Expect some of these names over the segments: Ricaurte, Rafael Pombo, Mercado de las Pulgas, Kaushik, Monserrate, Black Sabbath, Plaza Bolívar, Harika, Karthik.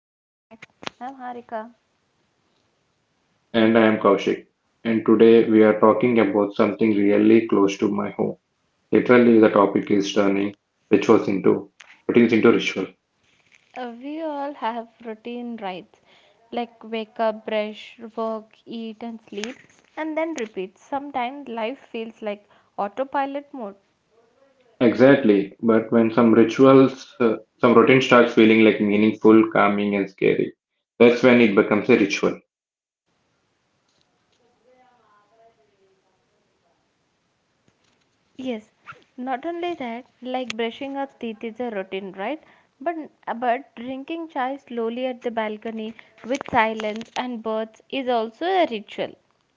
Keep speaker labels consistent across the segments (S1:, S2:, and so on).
S1: Welcome back. I'm Harika.
S2: And I am Kaushik. And today we are talking about something really close to my home. Literally, the topic is turning rituals into routines into ritual.
S1: We all have routine rites like wake up, brush, work, eat, and sleep, and then repeat. Sometimes life feels like autopilot mode.
S2: Exactly. But when some rituals, some routine starts feeling like meaningful, calming, and scary, that's when it becomes a ritual.
S1: Yes, not only that, like brushing our teeth is a routine, right? But but drinking chai slowly at the balcony with silence and birds is also a ritual,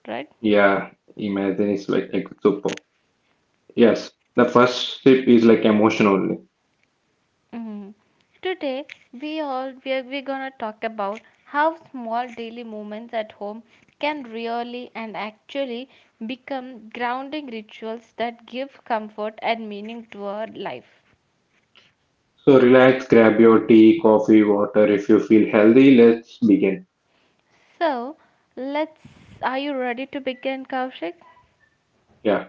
S1: right?
S2: Yeah, imagine it's like super. Yes, the first sip is like emotion only.
S1: Mhm. Today we're gonna talk about how small daily moments at home can really and actually become grounding rituals that give comfort and meaning to our life.
S2: So relax, grab your tea, coffee, water. If you feel healthy, let's begin.
S1: So let's Are you ready to begin, Kaushik?
S2: Yeah.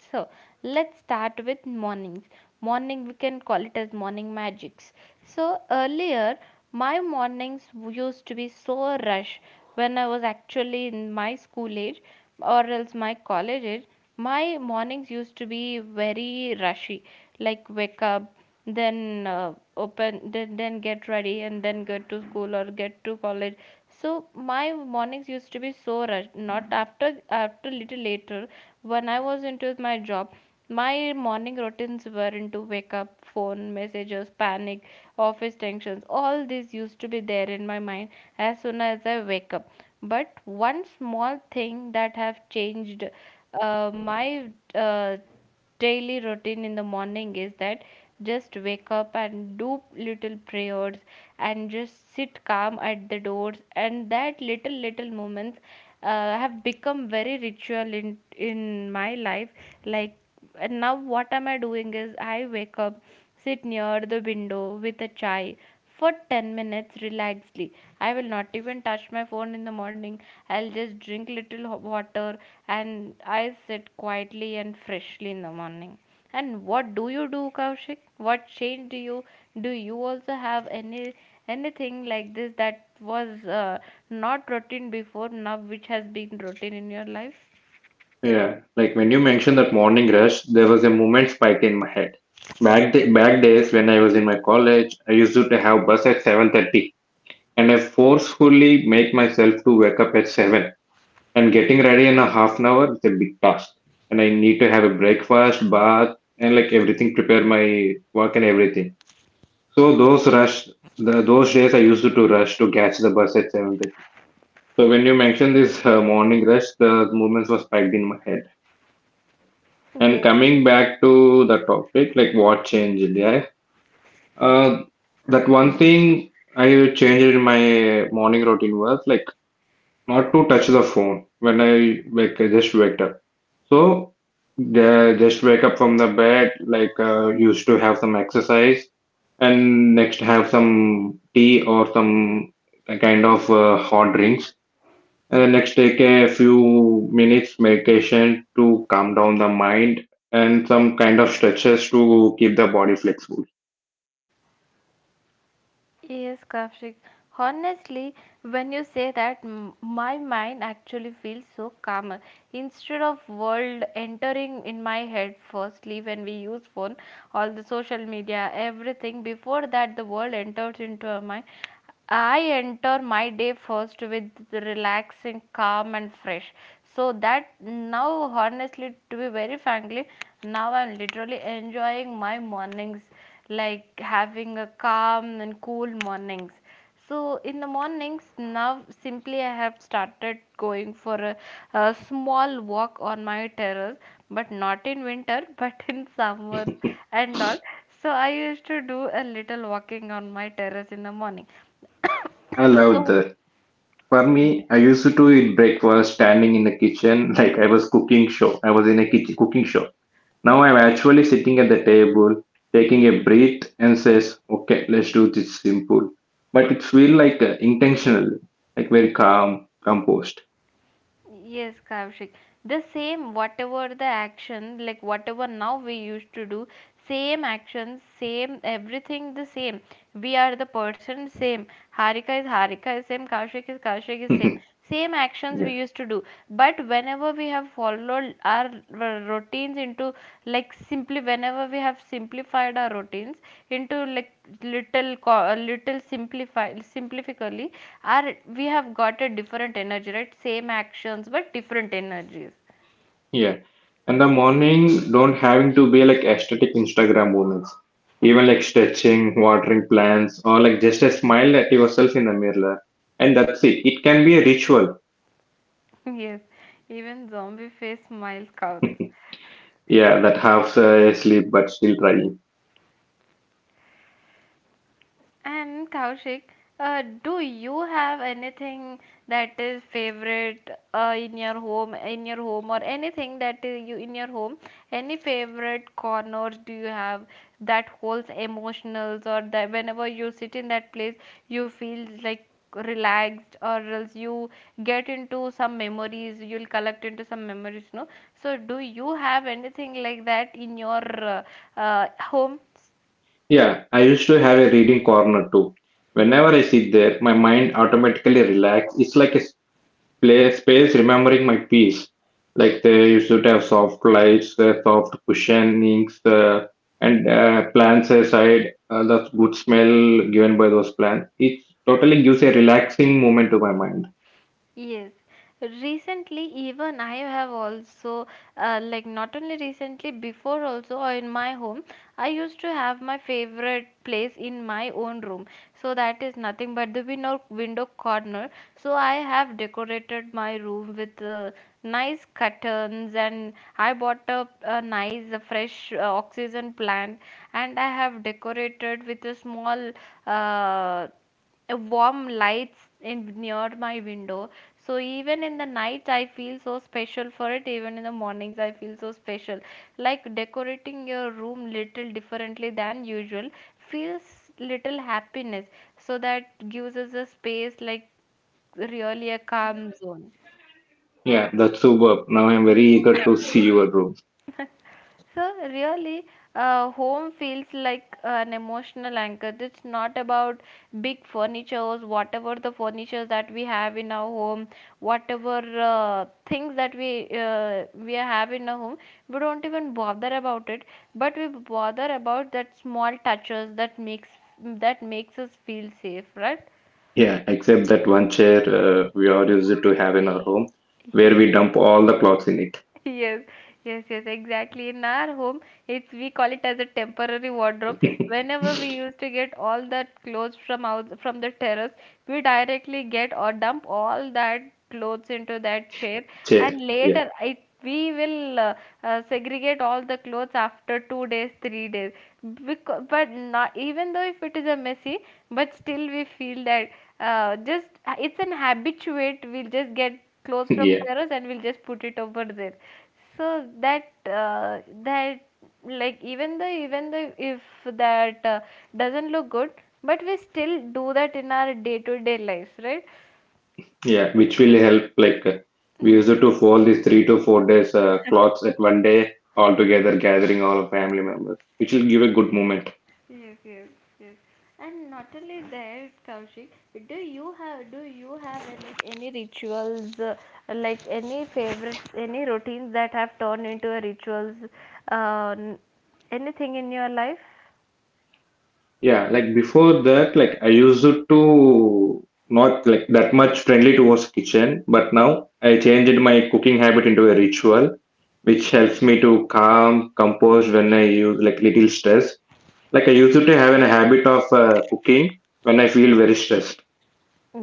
S1: So let's start with mornings. Morning, we can call it as morning magics. So earlier, my mornings used to be so rush when I was actually in my school age or else my college age. My mornings used to be very rushy, like wake up, then open, then get ready, and then get to school or get to college. So my mornings used to be so rushed. Not after little later when I was into my job, my morning routines were into wake up, phone messages, panic, office tensions. All this used to be there in my mind as soon as I wake up. But one small thing that have changed my daily routine in the morning is that just wake up and do little prayers and just sit calm at the doors and that little little moments have become very ritual in my life like and now what am I doing is I wake up, sit near the window with a chai for 10 minutes relaxedly. I will not even touch my phone in the morning. I'll just drink little water and I sit quietly and freshly in the morning. And what do you do, Kaushik? What change do? You also have anything like this that was not routine before now, which has been routine in your life?
S2: Yeah, like when you mentioned that morning rush, there was a moment spike in my head. Back days when I was in my college, I used to have bus at 7:30, and I forcefully make myself to wake up at 7, and getting ready in a half an hour is a big task. And I need to have a breakfast, bath and like everything prepare my work and everything. So those days I used to rush to catch the bus at 7:30. So when you mentioned this morning rush, the moments were spiked in my head. And
S1: Yes,
S2: coming back to the topic, like what changed, yeah. Uh, that one thing I changed in my morning routine was like not to touch the phone when I wake, I just wake up. So the just wake up from the bed, like used to have some exercise, and next have some tea or some kind of hot drinks. And let's take a few minutes meditation to calm down the mind and some kind of stretches to keep the body flexible.
S1: Yes, Kavshik. Honestly, when you say that, my mind actually feels so calmer. Instead of world entering in my head firstly when we use phone, all the social media, everything, before that the world enters into our mind, I enter my day first with relaxing, calm, and fresh. So that now, honestly, to be very frankly, now I'm literally enjoying my mornings, like having a calm and cool mornings. So in the mornings now, simply I have started going for a small walk on my terrace, but not in winter, but in summers and all. So I used to do a little walking on my terrace in the morning
S2: I love
S1: so,
S2: that. For me, I used to eat breakfast standing in the kitchen like I was cooking show. I was in a kitchen cooking show. Now I'm actually sitting at the table, taking a breath and says, okay, let's do this simple. But it feel like intentionally, like very calm, composed.
S1: yes, Kaushik, the same, whatever the action, like whatever now we used to do, same actions, same everything the same. We are the person same. Harika is same, Kaushik is
S2: yeah.
S1: same. Same actions we used to do. But whenever we have followed our routines into like simply whenever we have simplified our routines into like little simplify simplifically our we have got a different energy, right? Same actions but different energies.
S2: Yeah. And the morning don't having to be like aesthetic Instagram moments. Even like stretching, watering plants, or like just a smile at yourself in the mirror. And that's it. It can be a ritual.
S1: Yes, even zombie face smile counts.
S2: Yeah, that half sleep but still trying.
S1: And Kaushik, do you have anything that is favorite in your home, or anything that is you in your home? Any favorite corners do you have that holds emotionals, or that whenever you sit in that place, you feel like relaxed, or else you get into some memories, you'll collect into some memories, no? So, do you have anything like that in your home?
S2: Yeah, I used to have a reading corner too. Whenever I sit there, my mind automatically relax. It's like a play space remembering my piece. Like they used to have soft lights, the soft cushionings, and plants aside, the good smell given by those plants. It totally gives a relaxing moment to my mind.
S1: Yes, recently even I have also like not only recently before also or in my home I used to have my favorite place in my own room, so that is nothing but the window corner. So I have decorated my room with nice curtains and I bought a nice fresh oxygen plant, and I have decorated with a small uh, a warm lights in near my window, so even in the night I feel so special for it, even in the mornings I feel so special. Like decorating your room little differently than usual feels little happiness, so that gives us a space like really a calm zone.
S2: Yeah, that's superb. Now I'm very eager to see your room.
S1: So really, home feels like an emotional anchor. It's not about big furnitures, whatever the furniture that we have in our home, whatever things that we have in our home. We don't even bother about it, but we bother about that small touches that makes us feel safe, right?
S2: Yeah, except that one chair we all use it to have in our home where we dump all the clothes in
S1: Yes, yes, yes, exactly. In our home, it's we call it as a temporary wardrobe.
S2: it.
S1: Whenever we used to get all that clothes from out from the terrace, we directly get or dump all that clothes into that chair,
S2: Chair.
S1: and
S2: Yeah.
S1: later it we will segregate all the clothes after 2 days, 3 days. Because, but not even though if it is a messy, but still we feel that just it's an habituate. We'll just get clothes from
S2: Yeah.
S1: terrace and we'll just put it over there so that that like even though if that doesn't look good, but we still do that in our day to day lives, right?
S2: Yeah, which will help. Like we
S1: Mm.
S2: used to fold these 3 to 4 days clothes at one day all together, gathering all family members, which will give a good moment.
S1: Yes, yes, yes. And not only that, Kaushik, do you have any rituals like any favorites, any routines that have turned into a rituals, uh, n- anything in your life?
S2: Yeah, like before that, like I used to not like that much friendly towards kitchen, but now I changed my cooking habit into a ritual, which helps me to calm, compose when I use like little stress. Like I used to have a habit of cooking when I feel very stressed.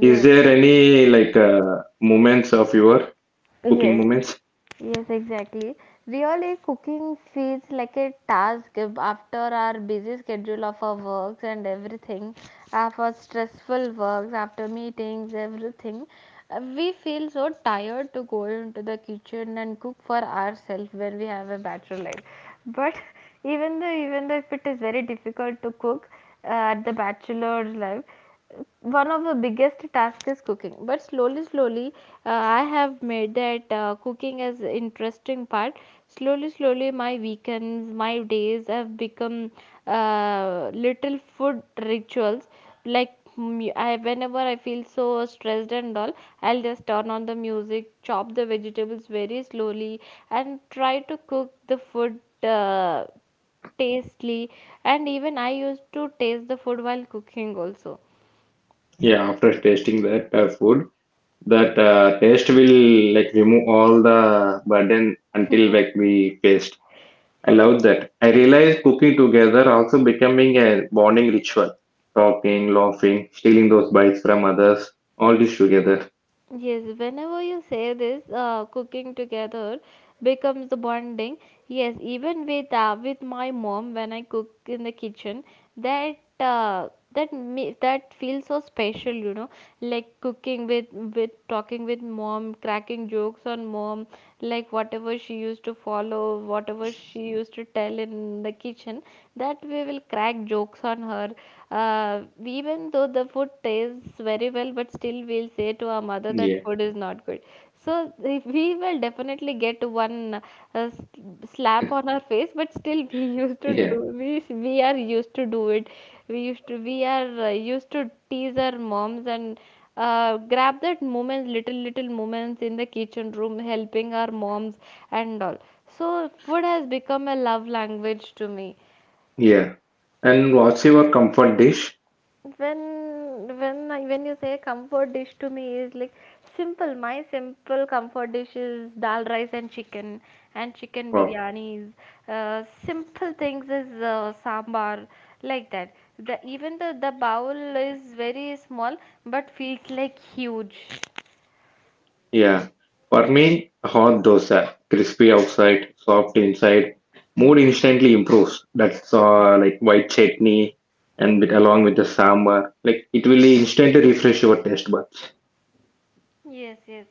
S2: Is there any like moments of your cooking
S1: yes.
S2: moments?
S1: Yes, exactly. Really, cooking feels like a task after our busy schedule of our works and everything, of our stressful works, after meetings, everything. We feel so tired to go into the kitchen and cook for ourselves when we have a bachelor life. But even though if it is very difficult to cook at the bachelor's life, one of the biggest tasks is cooking, but slowly slowly I have made that cooking as interesting part. Slowly slowly my weekends my days have become little food rituals like whenever I feel so stressed and all, I'll just turn on the music, chop the vegetables very slowly, and try to cook the food tastily. And even I used to taste the food while cooking also.
S2: Yeah, after tasting that food, that taste will like remove all the burden until
S1: Yes.
S2: like we faced. I
S1: Yes,
S2: love
S1: yes.
S2: that. I realized cooking together also becoming a bonding ritual. Talking, laughing, stealing those bites from others, all this together.
S1: Yes, whenever you say this, cooking together becomes the bonding. Yes, even with my mom when I cook in the kitchen, that that me that feels so special, you know, like cooking with talking with mom, cracking jokes on mom, like whatever she used to follow, whatever she used to tell in the kitchen, that we will crack jokes on her. Even though the food tastes very well, but still we'll say to our mother that
S2: Yeah,
S1: food is not good. So if we will definitely get one slap on our face, but still we used to
S2: yeah,
S1: do we are used to do it. We are used to tease our moms and grab that moment little little moments in the kitchen room helping our moms and all. So food has become a love language to me.
S2: yeah. And what's your comfort dish?
S1: When when I, when you say comfort dish to me is like simple, my simple comfort dish is dal rice and chicken
S2: Wow.
S1: biryanis. Simple things is sambar, like that the even the bowl is very small but feels like huge.
S2: Yeah, for me, hot dosa, crispy outside, soft inside, mood instantly improves. That's like white chutney and with, along with the sambar, like it will instantly refresh your taste buds.
S1: Yes, yes.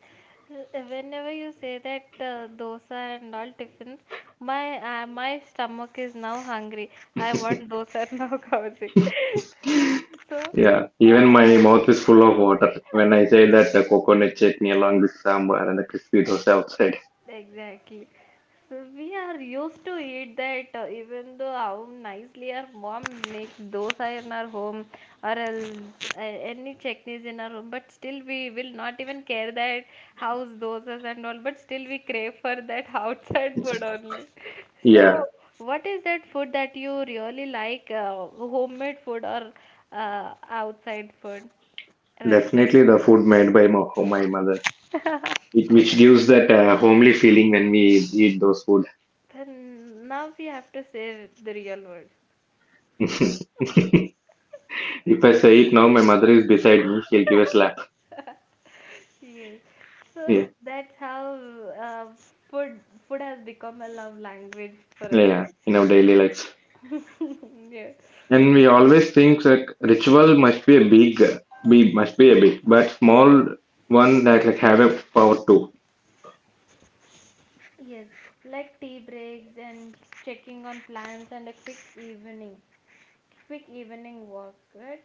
S1: Whenever you say that dosa and all tiffins, my stomach is now hungry. I want dosa now, Kaushik. So,
S2: Yeah,
S1: uh,
S2: even my mouth is full of water when I say that the coconut chutney along with sambar and the crispy dosa outside.
S1: Exactly. So we are used to eat that even though how nicely our mom makes dosa in our home or else, any chutneys in our home, but still we will not even care that house dosas and all, but still we crave for that outside food only. So
S2: Yeah,
S1: what is that food that you really like, homemade food or outside food, restaurant
S2: definitely the
S1: food?
S2: food made by my mother, it which gives that homely feeling when we eat those food.
S1: Then now we have to say the real word.
S2: If I say it now, my mother is beside me. She'll give a slap.
S1: Yes. So
S2: Yeah,
S1: that's how uh, food food has become a love language for us,
S2: yeah.
S1: right?
S2: In our daily life,
S1: Yes.
S2: and we always think that ritual must be a big, be must be a big, but small one that like have a power too.
S1: Yes. Like tea breaks and checking on plants and a quick evening walk, right?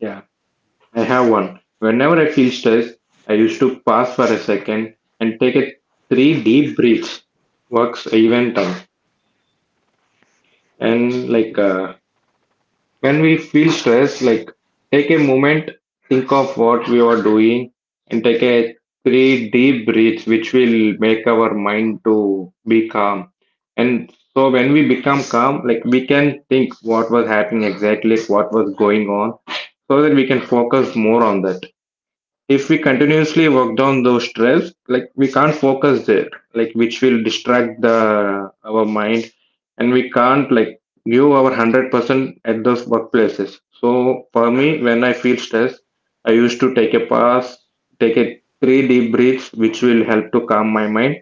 S2: Yeah, I have one. Whenever I feel stressed, I used to pause for a second and take a three deep breaths. Works even time
S1: Yes.
S2: and like. When we feel stressed, like take a moment, think of what we are doing, and take a three deep breaths, which will make our mind to be calm. And so when we become calm, like we can think what was happening exactly, like what was going on, so that we can focus more on that. If we continuously work down those stress, like we can't focus there, like which will distract the our mind, and we can't like give our 100% at those workplaces. So for me, when I feel stressed, I used to take a pause, take a three deep breaths, which will help to calm my mind,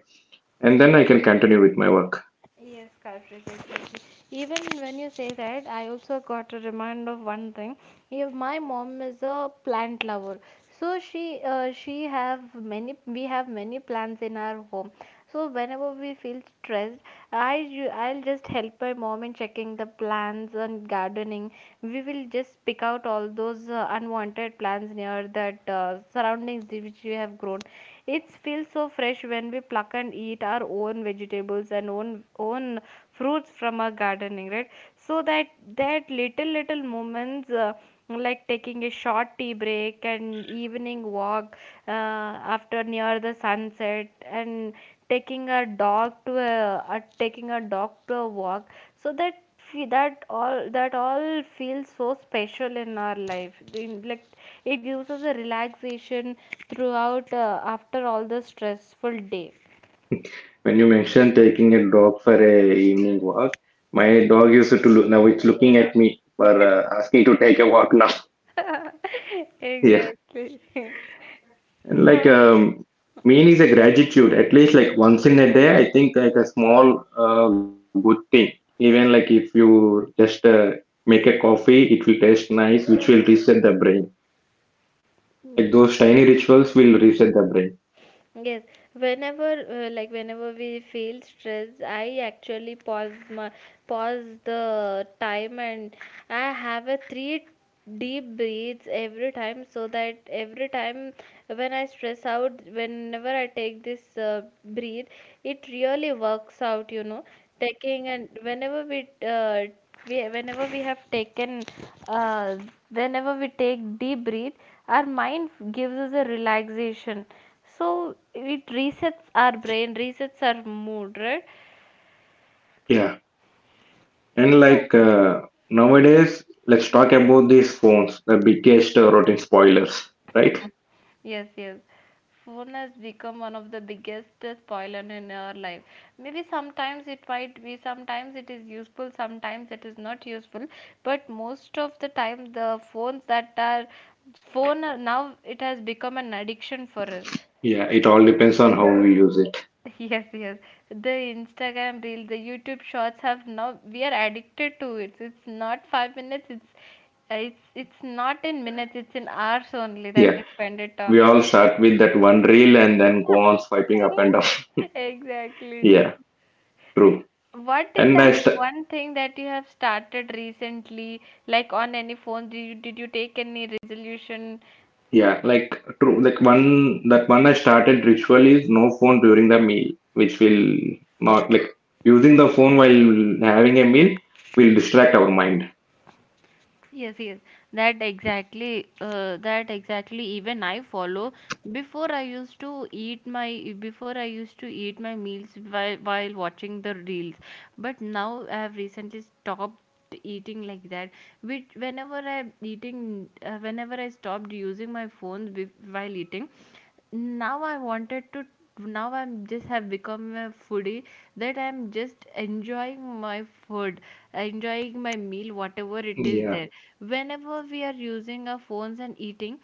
S2: and then I can continue with my work.
S1: Yes, Karthik, exactly. Even when you say that, I also got a remind of one thing. If my mom is a plant lover, so she have many we have many plants in our home. So whenever we feel stressed, I'll just help my mom in checking the plants and gardening. We will just pick out all those unwanted plants near that surroundings which we have grown. It feels so fresh when we pluck and eat our own vegetables and own own fruits from our gardening, right? So that that little moments, like taking a short tea break and evening walk uh, after near the sunset, and taking a dog to a taking a dog to a walk. So that that all feels so special in our life. Like it gives us a relaxation throughout, after all the stressful day.
S2: When you mentioned taking a dog for a evening walk, my dog used to look, now it's looking at me for asking to take a walk now. Yeah.
S1: Exactly.
S2: And like
S1: So,
S2: mean is a gratitude. At least like once in a day, I think like a small good thing. Even like if you just make a coffee, it will taste nice, which will reset the brain. Like
S1: yes.
S2: those tiny rituals will reset the brain.
S1: Yes, whenever whenever we feel stressed, I actually pause the time, and I have a three deep breaths every time, so that every time when I stress out, whenever I take this breathe, it really works out, you know. Taking, and whenever we have taken uh, whenever we take deep breath, our mind gives us a relaxation, so it resets our brain, resets our mood, right?
S2: Yeah, and
S1: So
S2: like nowadays, let's talk about these phones, the biggest routine spoilers, right?
S1: yes, yes. Phone has become one of the biggest spoiler in our life. Maybe sometimes it might be, sometimes it is useful, sometimes it is not useful. But most of the time, the phones that are phone are- now it has become an addiction for us.
S2: Yeah, it all depends on how we use it.
S1: Yes, yes. The Instagram reels, the YouTube shorts, have now we are addicted to it. It's not 5 minutes. It's it's not in minutes. It's in hours only that
S2: Yeah,
S1: we spend it
S2: we
S1: on.
S2: all start with that one reel and then go on swiping up and down.
S1: Exactly.
S2: Yeah, true.
S1: What is
S2: And I
S1: that
S2: st-
S1: one thing that you have started recently, like on any phone? Did you take any resolution?
S2: yeah, like true, like one that one I started ritual is no phone during the meal, which will not like using the phone while having a meal will distract our mind.
S1: Yes, yes, that exactly, that exactly. Even I follow. Before I used to eat my meals while watching the reels. But now I have recently stopped eating like that. Which whenever I eating, whenever I stopped using my phone while eating, now I wanted to, now I'm just have become a foodie, that I'm just enjoying my food, enjoying my meal, whatever it is
S2: Yeah,
S1: there. Whenever we are using our phones and eating,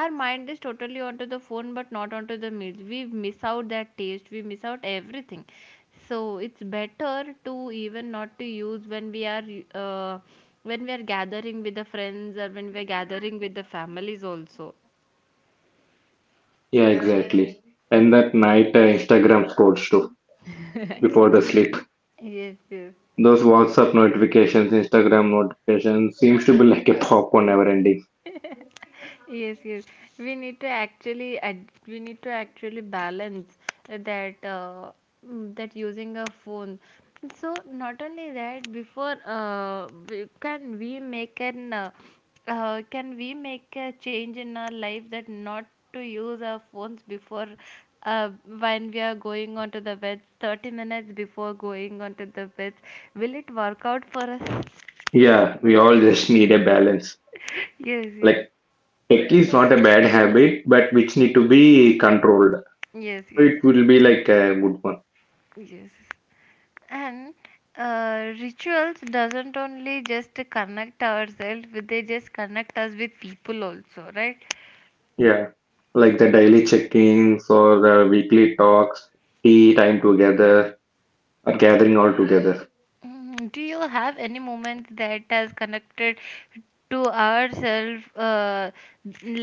S1: our mind is totally onto the phone but not onto the meals. We miss out that taste, we miss out everything. So it's better to even not to use when we are, uh, when we are gathering with the friends or when we are gathering with the families also.
S2: yeah, exactly. And that night Instagram scrolls too before the sleep.
S1: Yes, yes.
S2: Those WhatsApp notifications, Instagram notifications seems to be like a popcorn never ending.
S1: Yes, yes, we need to actually we need to actually balance that, that using a phone. So not only that, can we make an, can we make a change in our life that not to use our phones before, uh, when we are going onto the bed, 30 minutes before going onto the bed, will it work out for us?
S2: Yeah, we all just need a balance.
S1: Yes, yes,
S2: Like tech is not a bad habit, but which need to be controlled.
S1: yes, yes,
S2: It will be like a good one.
S1: yes. And rituals doesn't only just connect ourselves with, they just connect us with people also, right?
S2: Yeah. Like the daily check-ins or the weekly talks, tea time together, or gathering all together.
S1: Mm, do you have any moment that has connected to ourselves,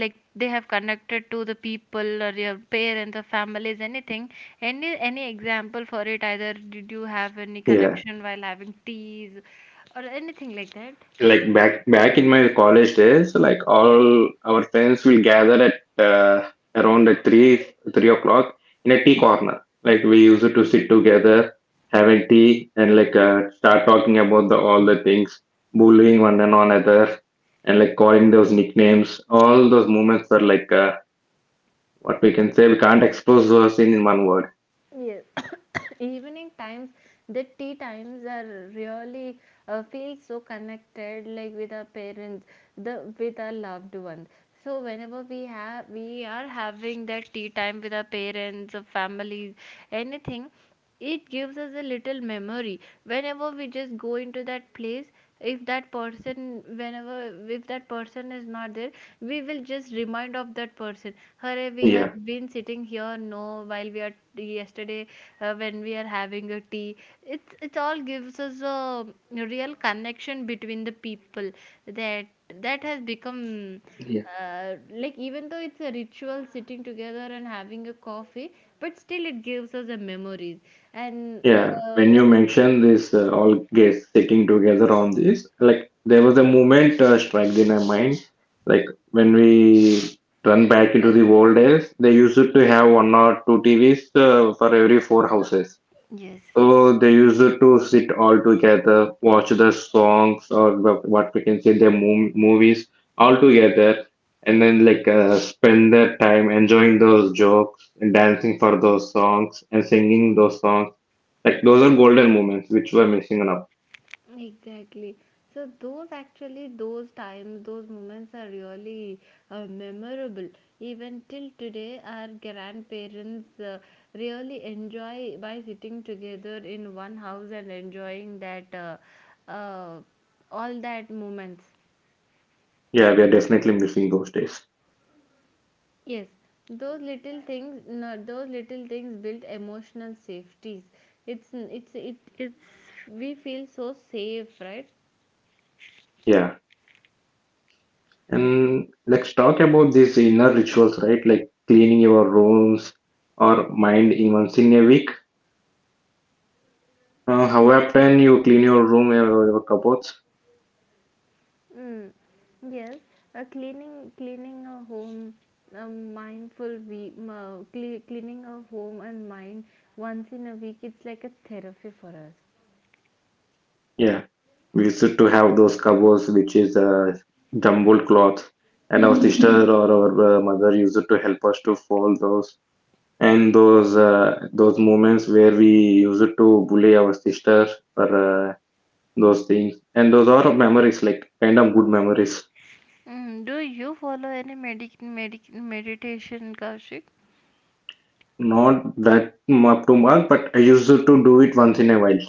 S1: like they have connected to the people or your parents or families anything, any example for it? Either did you have any
S2: Yeah.
S1: connection while having teas or anything like that?
S2: Like back in my college days, like all our friends will gather at around at three three o'clock in a tea corner. Like we used to sit together, having tea, and like start talking about the all the things, bullying one and another, and like calling those nicknames. All those moments were like. What we can say we can't expose those in one word.
S1: Yes. Evening times, the tea times are really, feel so connected, like with our parents, the with our loved ones. So whenever we have we are having that tea time with our parents or families, anything, it gives us a little memory. Whenever we just go into that place, if that person whenever, if that person is not there, we will just remind of that person. Hurry, we have
S2: Yeah.
S1: been sitting here no, while we are yesterday, when we are having a tea, it's it all gives us a real connection between the people. That that has become,
S2: Yeah.
S1: like even though it's a ritual sitting together and having a coffee, but still it gives us a memories. And
S2: Yeah, when you
S1: when it,
S2: mention this all guests sitting together on this, like there was a moment struck in my mind, like when we run back into the old days, they used to have one or two TVs for every four houses.
S1: yes.
S2: So they used to sit all together, watch the songs or what we can say their movies all together, and then like spend their time enjoying those jokes and dancing for those songs and singing those songs. Like those are golden moments which we're missing now.
S1: Exactly. So those actually those times, those moments are really, memorable. Even till today, our grandparents really enjoy by sitting together in one house and enjoying that, uh, all that moments.
S2: Yeah, we are definitely missing those days.
S1: Yes, those little things, no, those little things build emotional safeties. It's we feel so safe, right?
S2: Yeah, and let's talk about these inner rituals, right? Like cleaning your rooms or mind even once in a week. How often you clean your room or your cupboards?
S1: Mm, yes, cleaning a home, a mindful week, cleaning a home and mind once in a week. It's like a therapy for us.
S2: Yeah, we used to have those covers, which is jumbled cloth, and our sister or our mother used to help us to fold those. And those moments where we used to bully our sister for those things, and those are memories, like kind of good memories.
S1: Mm, do you follow any medic medic meditation, Kaushik?
S2: Not that up to mark, but I used to do it once in a while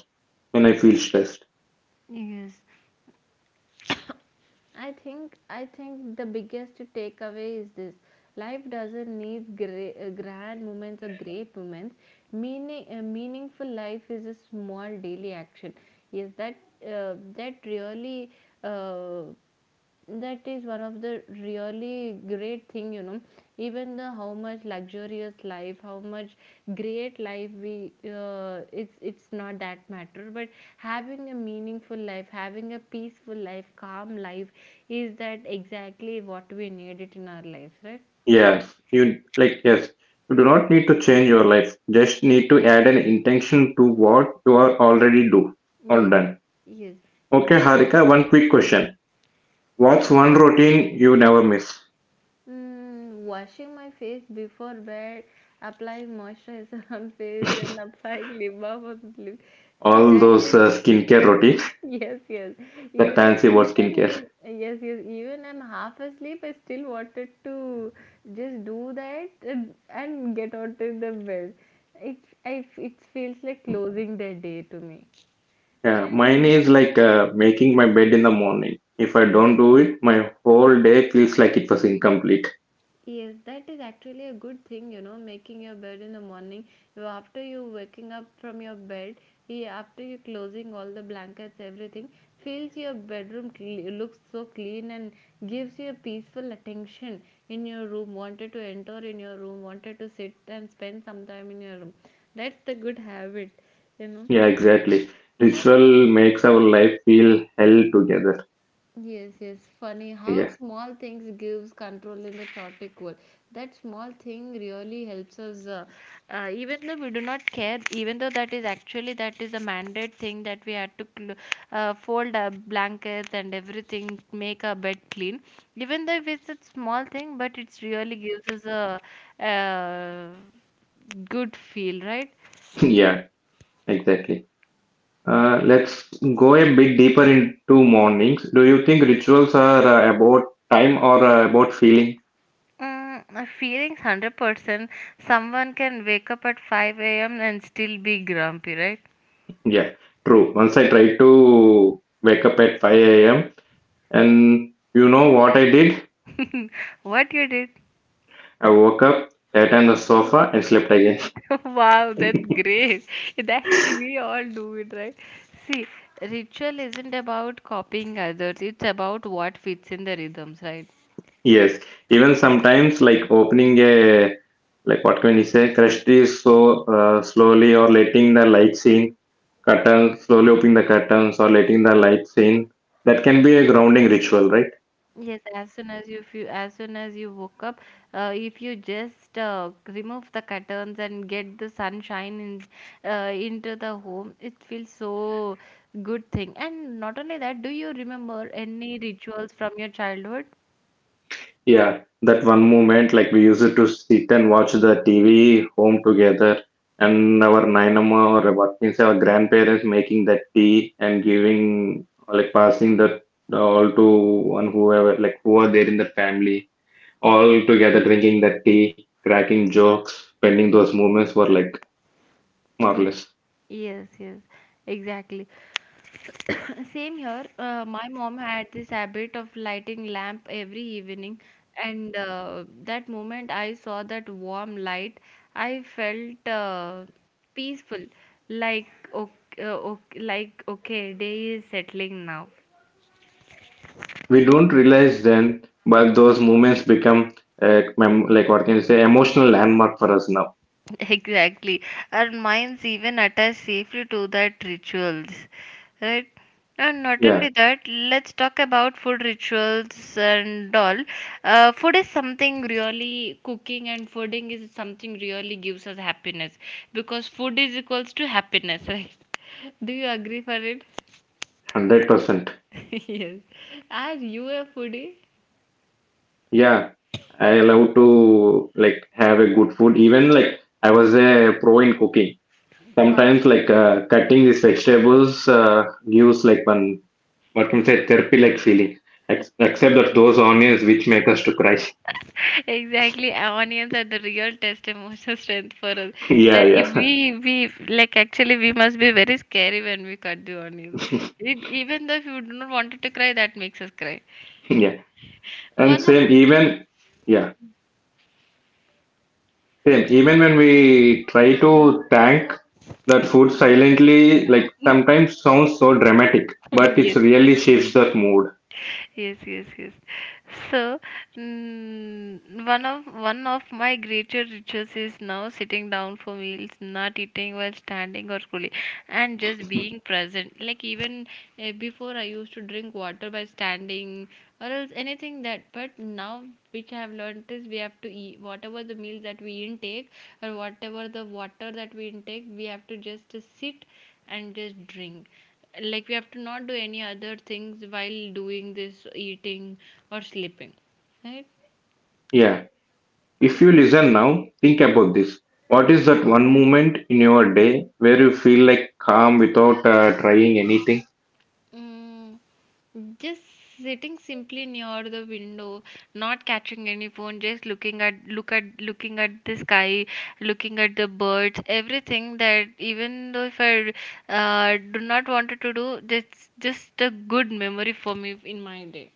S2: when I feel stressed.
S1: Yes, I think the biggest takeaway is this: life doesn't need grand moments or great moments. Meaning, meaningful life is a small daily action. Yes, that that really, uh, that is one of the really great thing, you know. Even the how much luxurious life, how much great life we, it's not that matter, but having a meaningful life, having a peaceful life, calm life, is that exactly what we need it in our lives, right?
S2: Yes, you like yes. You do not need to change your life. Just need to add an intention to what you are already do or
S1: Yes.
S2: done.
S1: Yes,
S2: Okay,
S1: we
S2: Harika, one quick question. What's one routine you never miss?
S1: mm, washing my face before bed, applying moisturizer on face, and applying lip balm on lip. So
S2: All
S1: that
S2: those
S1: is,
S2: skincare routine,
S1: yes, yes.
S2: that
S1: Even
S2: fancy word
S1: even
S2: skincare.
S1: in, yes, yes. Even I'm half asleep, I still wanted to just do that and get out of the bed. It, I, it feels like closing the day to me.
S2: Yeah, mine is like making my bed in the morning. If I don't do it, my whole day feels like it was incomplete.
S1: Yes, that is actually a good thing, you know, making your bed in the morning. You after you waking up from your bed, eh, after you closing all the blankets, everything feels your bedroom looks so clean and gives you a peaceful attention in your room. Wanted to enter in your room, wanted to sit and spend some time in your room. That's the good habit, you know.
S2: Yeah, exactly. Ritual makes our life feel held together.
S1: Yes, yes. Funny how
S2: Yeah,
S1: small things gives control in the chaotic world. That small thing really helps us. Even though we do not care, even though that is actually that is a mandate thing that we had to fold our blankets and everything, make our bed clean. Even though if it's a small thing, but it's really gives us a, good feel, right?
S2: yeah, exactly. Let's go a bit deeper into mornings. Do you think rituals are about time or about feeling?
S1: Mm, my feelings 100%. Someone can wake up at 5 a.m. and still be grumpy, right?
S2: Yeah, true. Once I tried to wake up at 5 a.m., and you know what I did?
S1: What you did?
S2: I woke up, sat on the sofa, and slept again.
S1: Wow, that's great. That we all do it, right? See, ritual isn't about copying others, it's about what fits in the rhythms, right?
S2: Yes, even sometimes, like opening a like what can you say, crushed is so slowly, or letting the lights in, curtains, slowly opening the curtains, or letting the lights in. That can be a grounding ritual, right?
S1: Yes, as soon as you feel, as soon as you woke up, if you just remove the curtains and get the sunshine in, into the home, it feels so good thing. And not only that, do you remember any rituals from your childhood?
S2: Yeah, that one moment, like we used to sit and watch the TV home together, and our Nainama or what means our grandparents making that tea and giving, like passing that all to one whoever, like who are there in the family, all together drinking that tea, cracking jokes, spending those moments were like
S1: Yes.
S2: marvelous.
S1: Yes, yes, exactly. Same here. My mom had this habit of lighting lamp every evening, and that moment I saw that warm light, I felt peaceful, like okay, okay, day is settling now.
S2: We don't realize then, but those moments become, like what can you say, emotional landmark for us now.
S1: Exactly. Our minds even attach safely to that rituals, right? And not
S2: Yeah,
S1: only that, let's talk about food rituals and all. Food is something really, cooking and fooding is something really gives us happiness, because food is equals to happiness, right? Do you agree for it?
S2: 100%.
S1: Yes. Are you a foodie?
S2: Yeah, I love to like have a good food. Even like I was a pro in cooking.
S1: Wow.
S2: Sometimes like cutting these vegetables gives like one what can I say therapy like feeling. Except that those onions which make us to cry.
S1: Exactly, our onions are the real test emotional strength for us.
S2: Yeah,
S1: Where if
S2: yeah,
S1: we like actually we must be very scary when we cut the onions. It, even though if you do not wanted to cry, that makes us cry.
S2: yeah. And
S1: One of
S2: same even yeah same even when we try to thank that food silently, like sometimes sounds so dramatic, but it
S1: yes.
S2: really shifts that mood.
S1: Yes, yes, yes. So mm, one of my greater rituals is now sitting down for meals, not eating while standing or cooling, and just being present, like even, before I used to drink water by standing or else anything that, but now, which I have learned is we have to eat whatever the meals that we intake or whatever the water that we intake, we have to just sit and just drink. Like we have to not do any other things while doing this eating or sleeping, right?
S2: Yeah. If you listen now, think about this. What is that one moment in your day where you feel like calm without trying anything?
S1: Mm, just sitting simply near the window, not catching any phone, just looking at the sky, looking at the birds, everything, that even though if I, do not wanted to do, that's just a good memory for me in my day.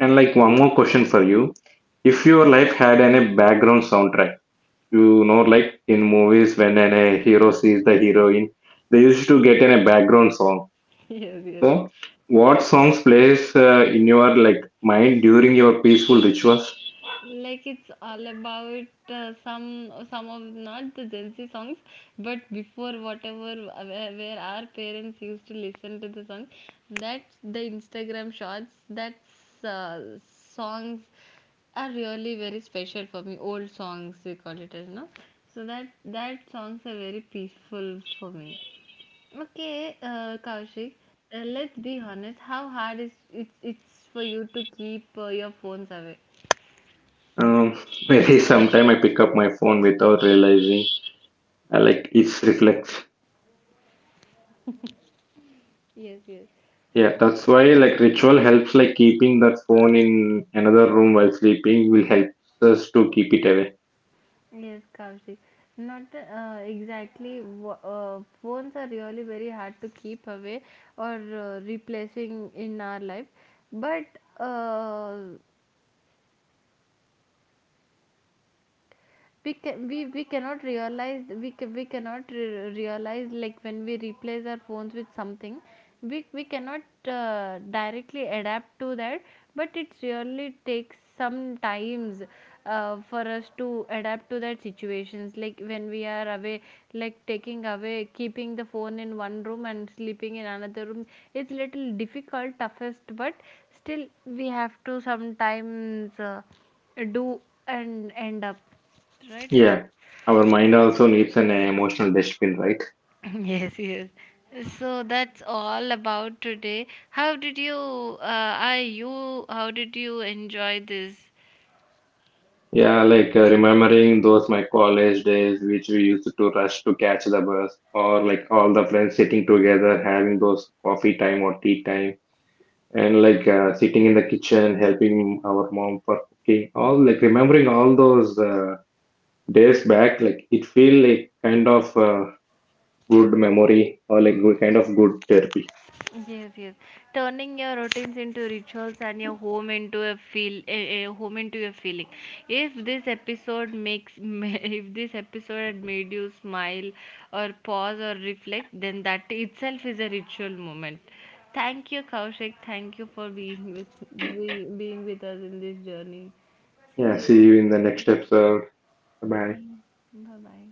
S2: And like one more question for you. If your life had a background soundtrack, like in movies when a hero sees the heroine, they used to get a background song.
S1: Yes, yes.
S2: So, what songs plays in your like mind during your peaceful rituals?
S1: Like it's all about, some of not the Gen Z songs, but before whatever, where our parents used to listen to the songs, that's the Instagram shorts. That's songs are really very special for me. Old songs we call it as no. So that that songs are very peaceful for me. Okay, Kaushik, let's be honest. How hard is it's for you to keep your phones away?
S2: Um, maybe sometime I pick up my phone without realizing. I like it's reflex.
S1: Yes, yes.
S2: Yeah, that's why like ritual helps like keeping that phone in another room while sleeping will help us to keep it away.
S1: Yes, Kaushik. Not exactly. Phones are really very hard to keep away or replacing in our life. But uh, we can we cannot realize, we cannot realize, like when we replace our phones with something, we cannot directly adapt to that, but it really takes some times, for us to adapt to that situations, like when we are away, like taking away, keeping the phone in one room and sleeping in another room, it's little difficult toughest, but still we have to sometimes do and end up, right?
S2: Yeah. Our mind also needs an emotional dustbin, right?
S1: Yes, yes. So that's all about today. How did you, how did you enjoy this?
S2: Yeah, like remembering those my college days which we used to rush to catch the bus or like all the friends sitting together having those coffee time or tea time, and like sitting in the kitchen helping our mom for cooking. All like remembering all those days back, like it feel like kind of good memory or like good kind of good therapy.
S1: Yes, yes. Turning your routines into rituals and your home into a a home into a feeling. If this episode makes if this episode had made you smile or pause or reflect, then that itself is a ritual moment. Thank you, Kaushik. Thank you for being with us in this journey. See
S2: Yeah, see
S1: you.
S2: you in the next episode. Bye
S1: Thank. Bye bye.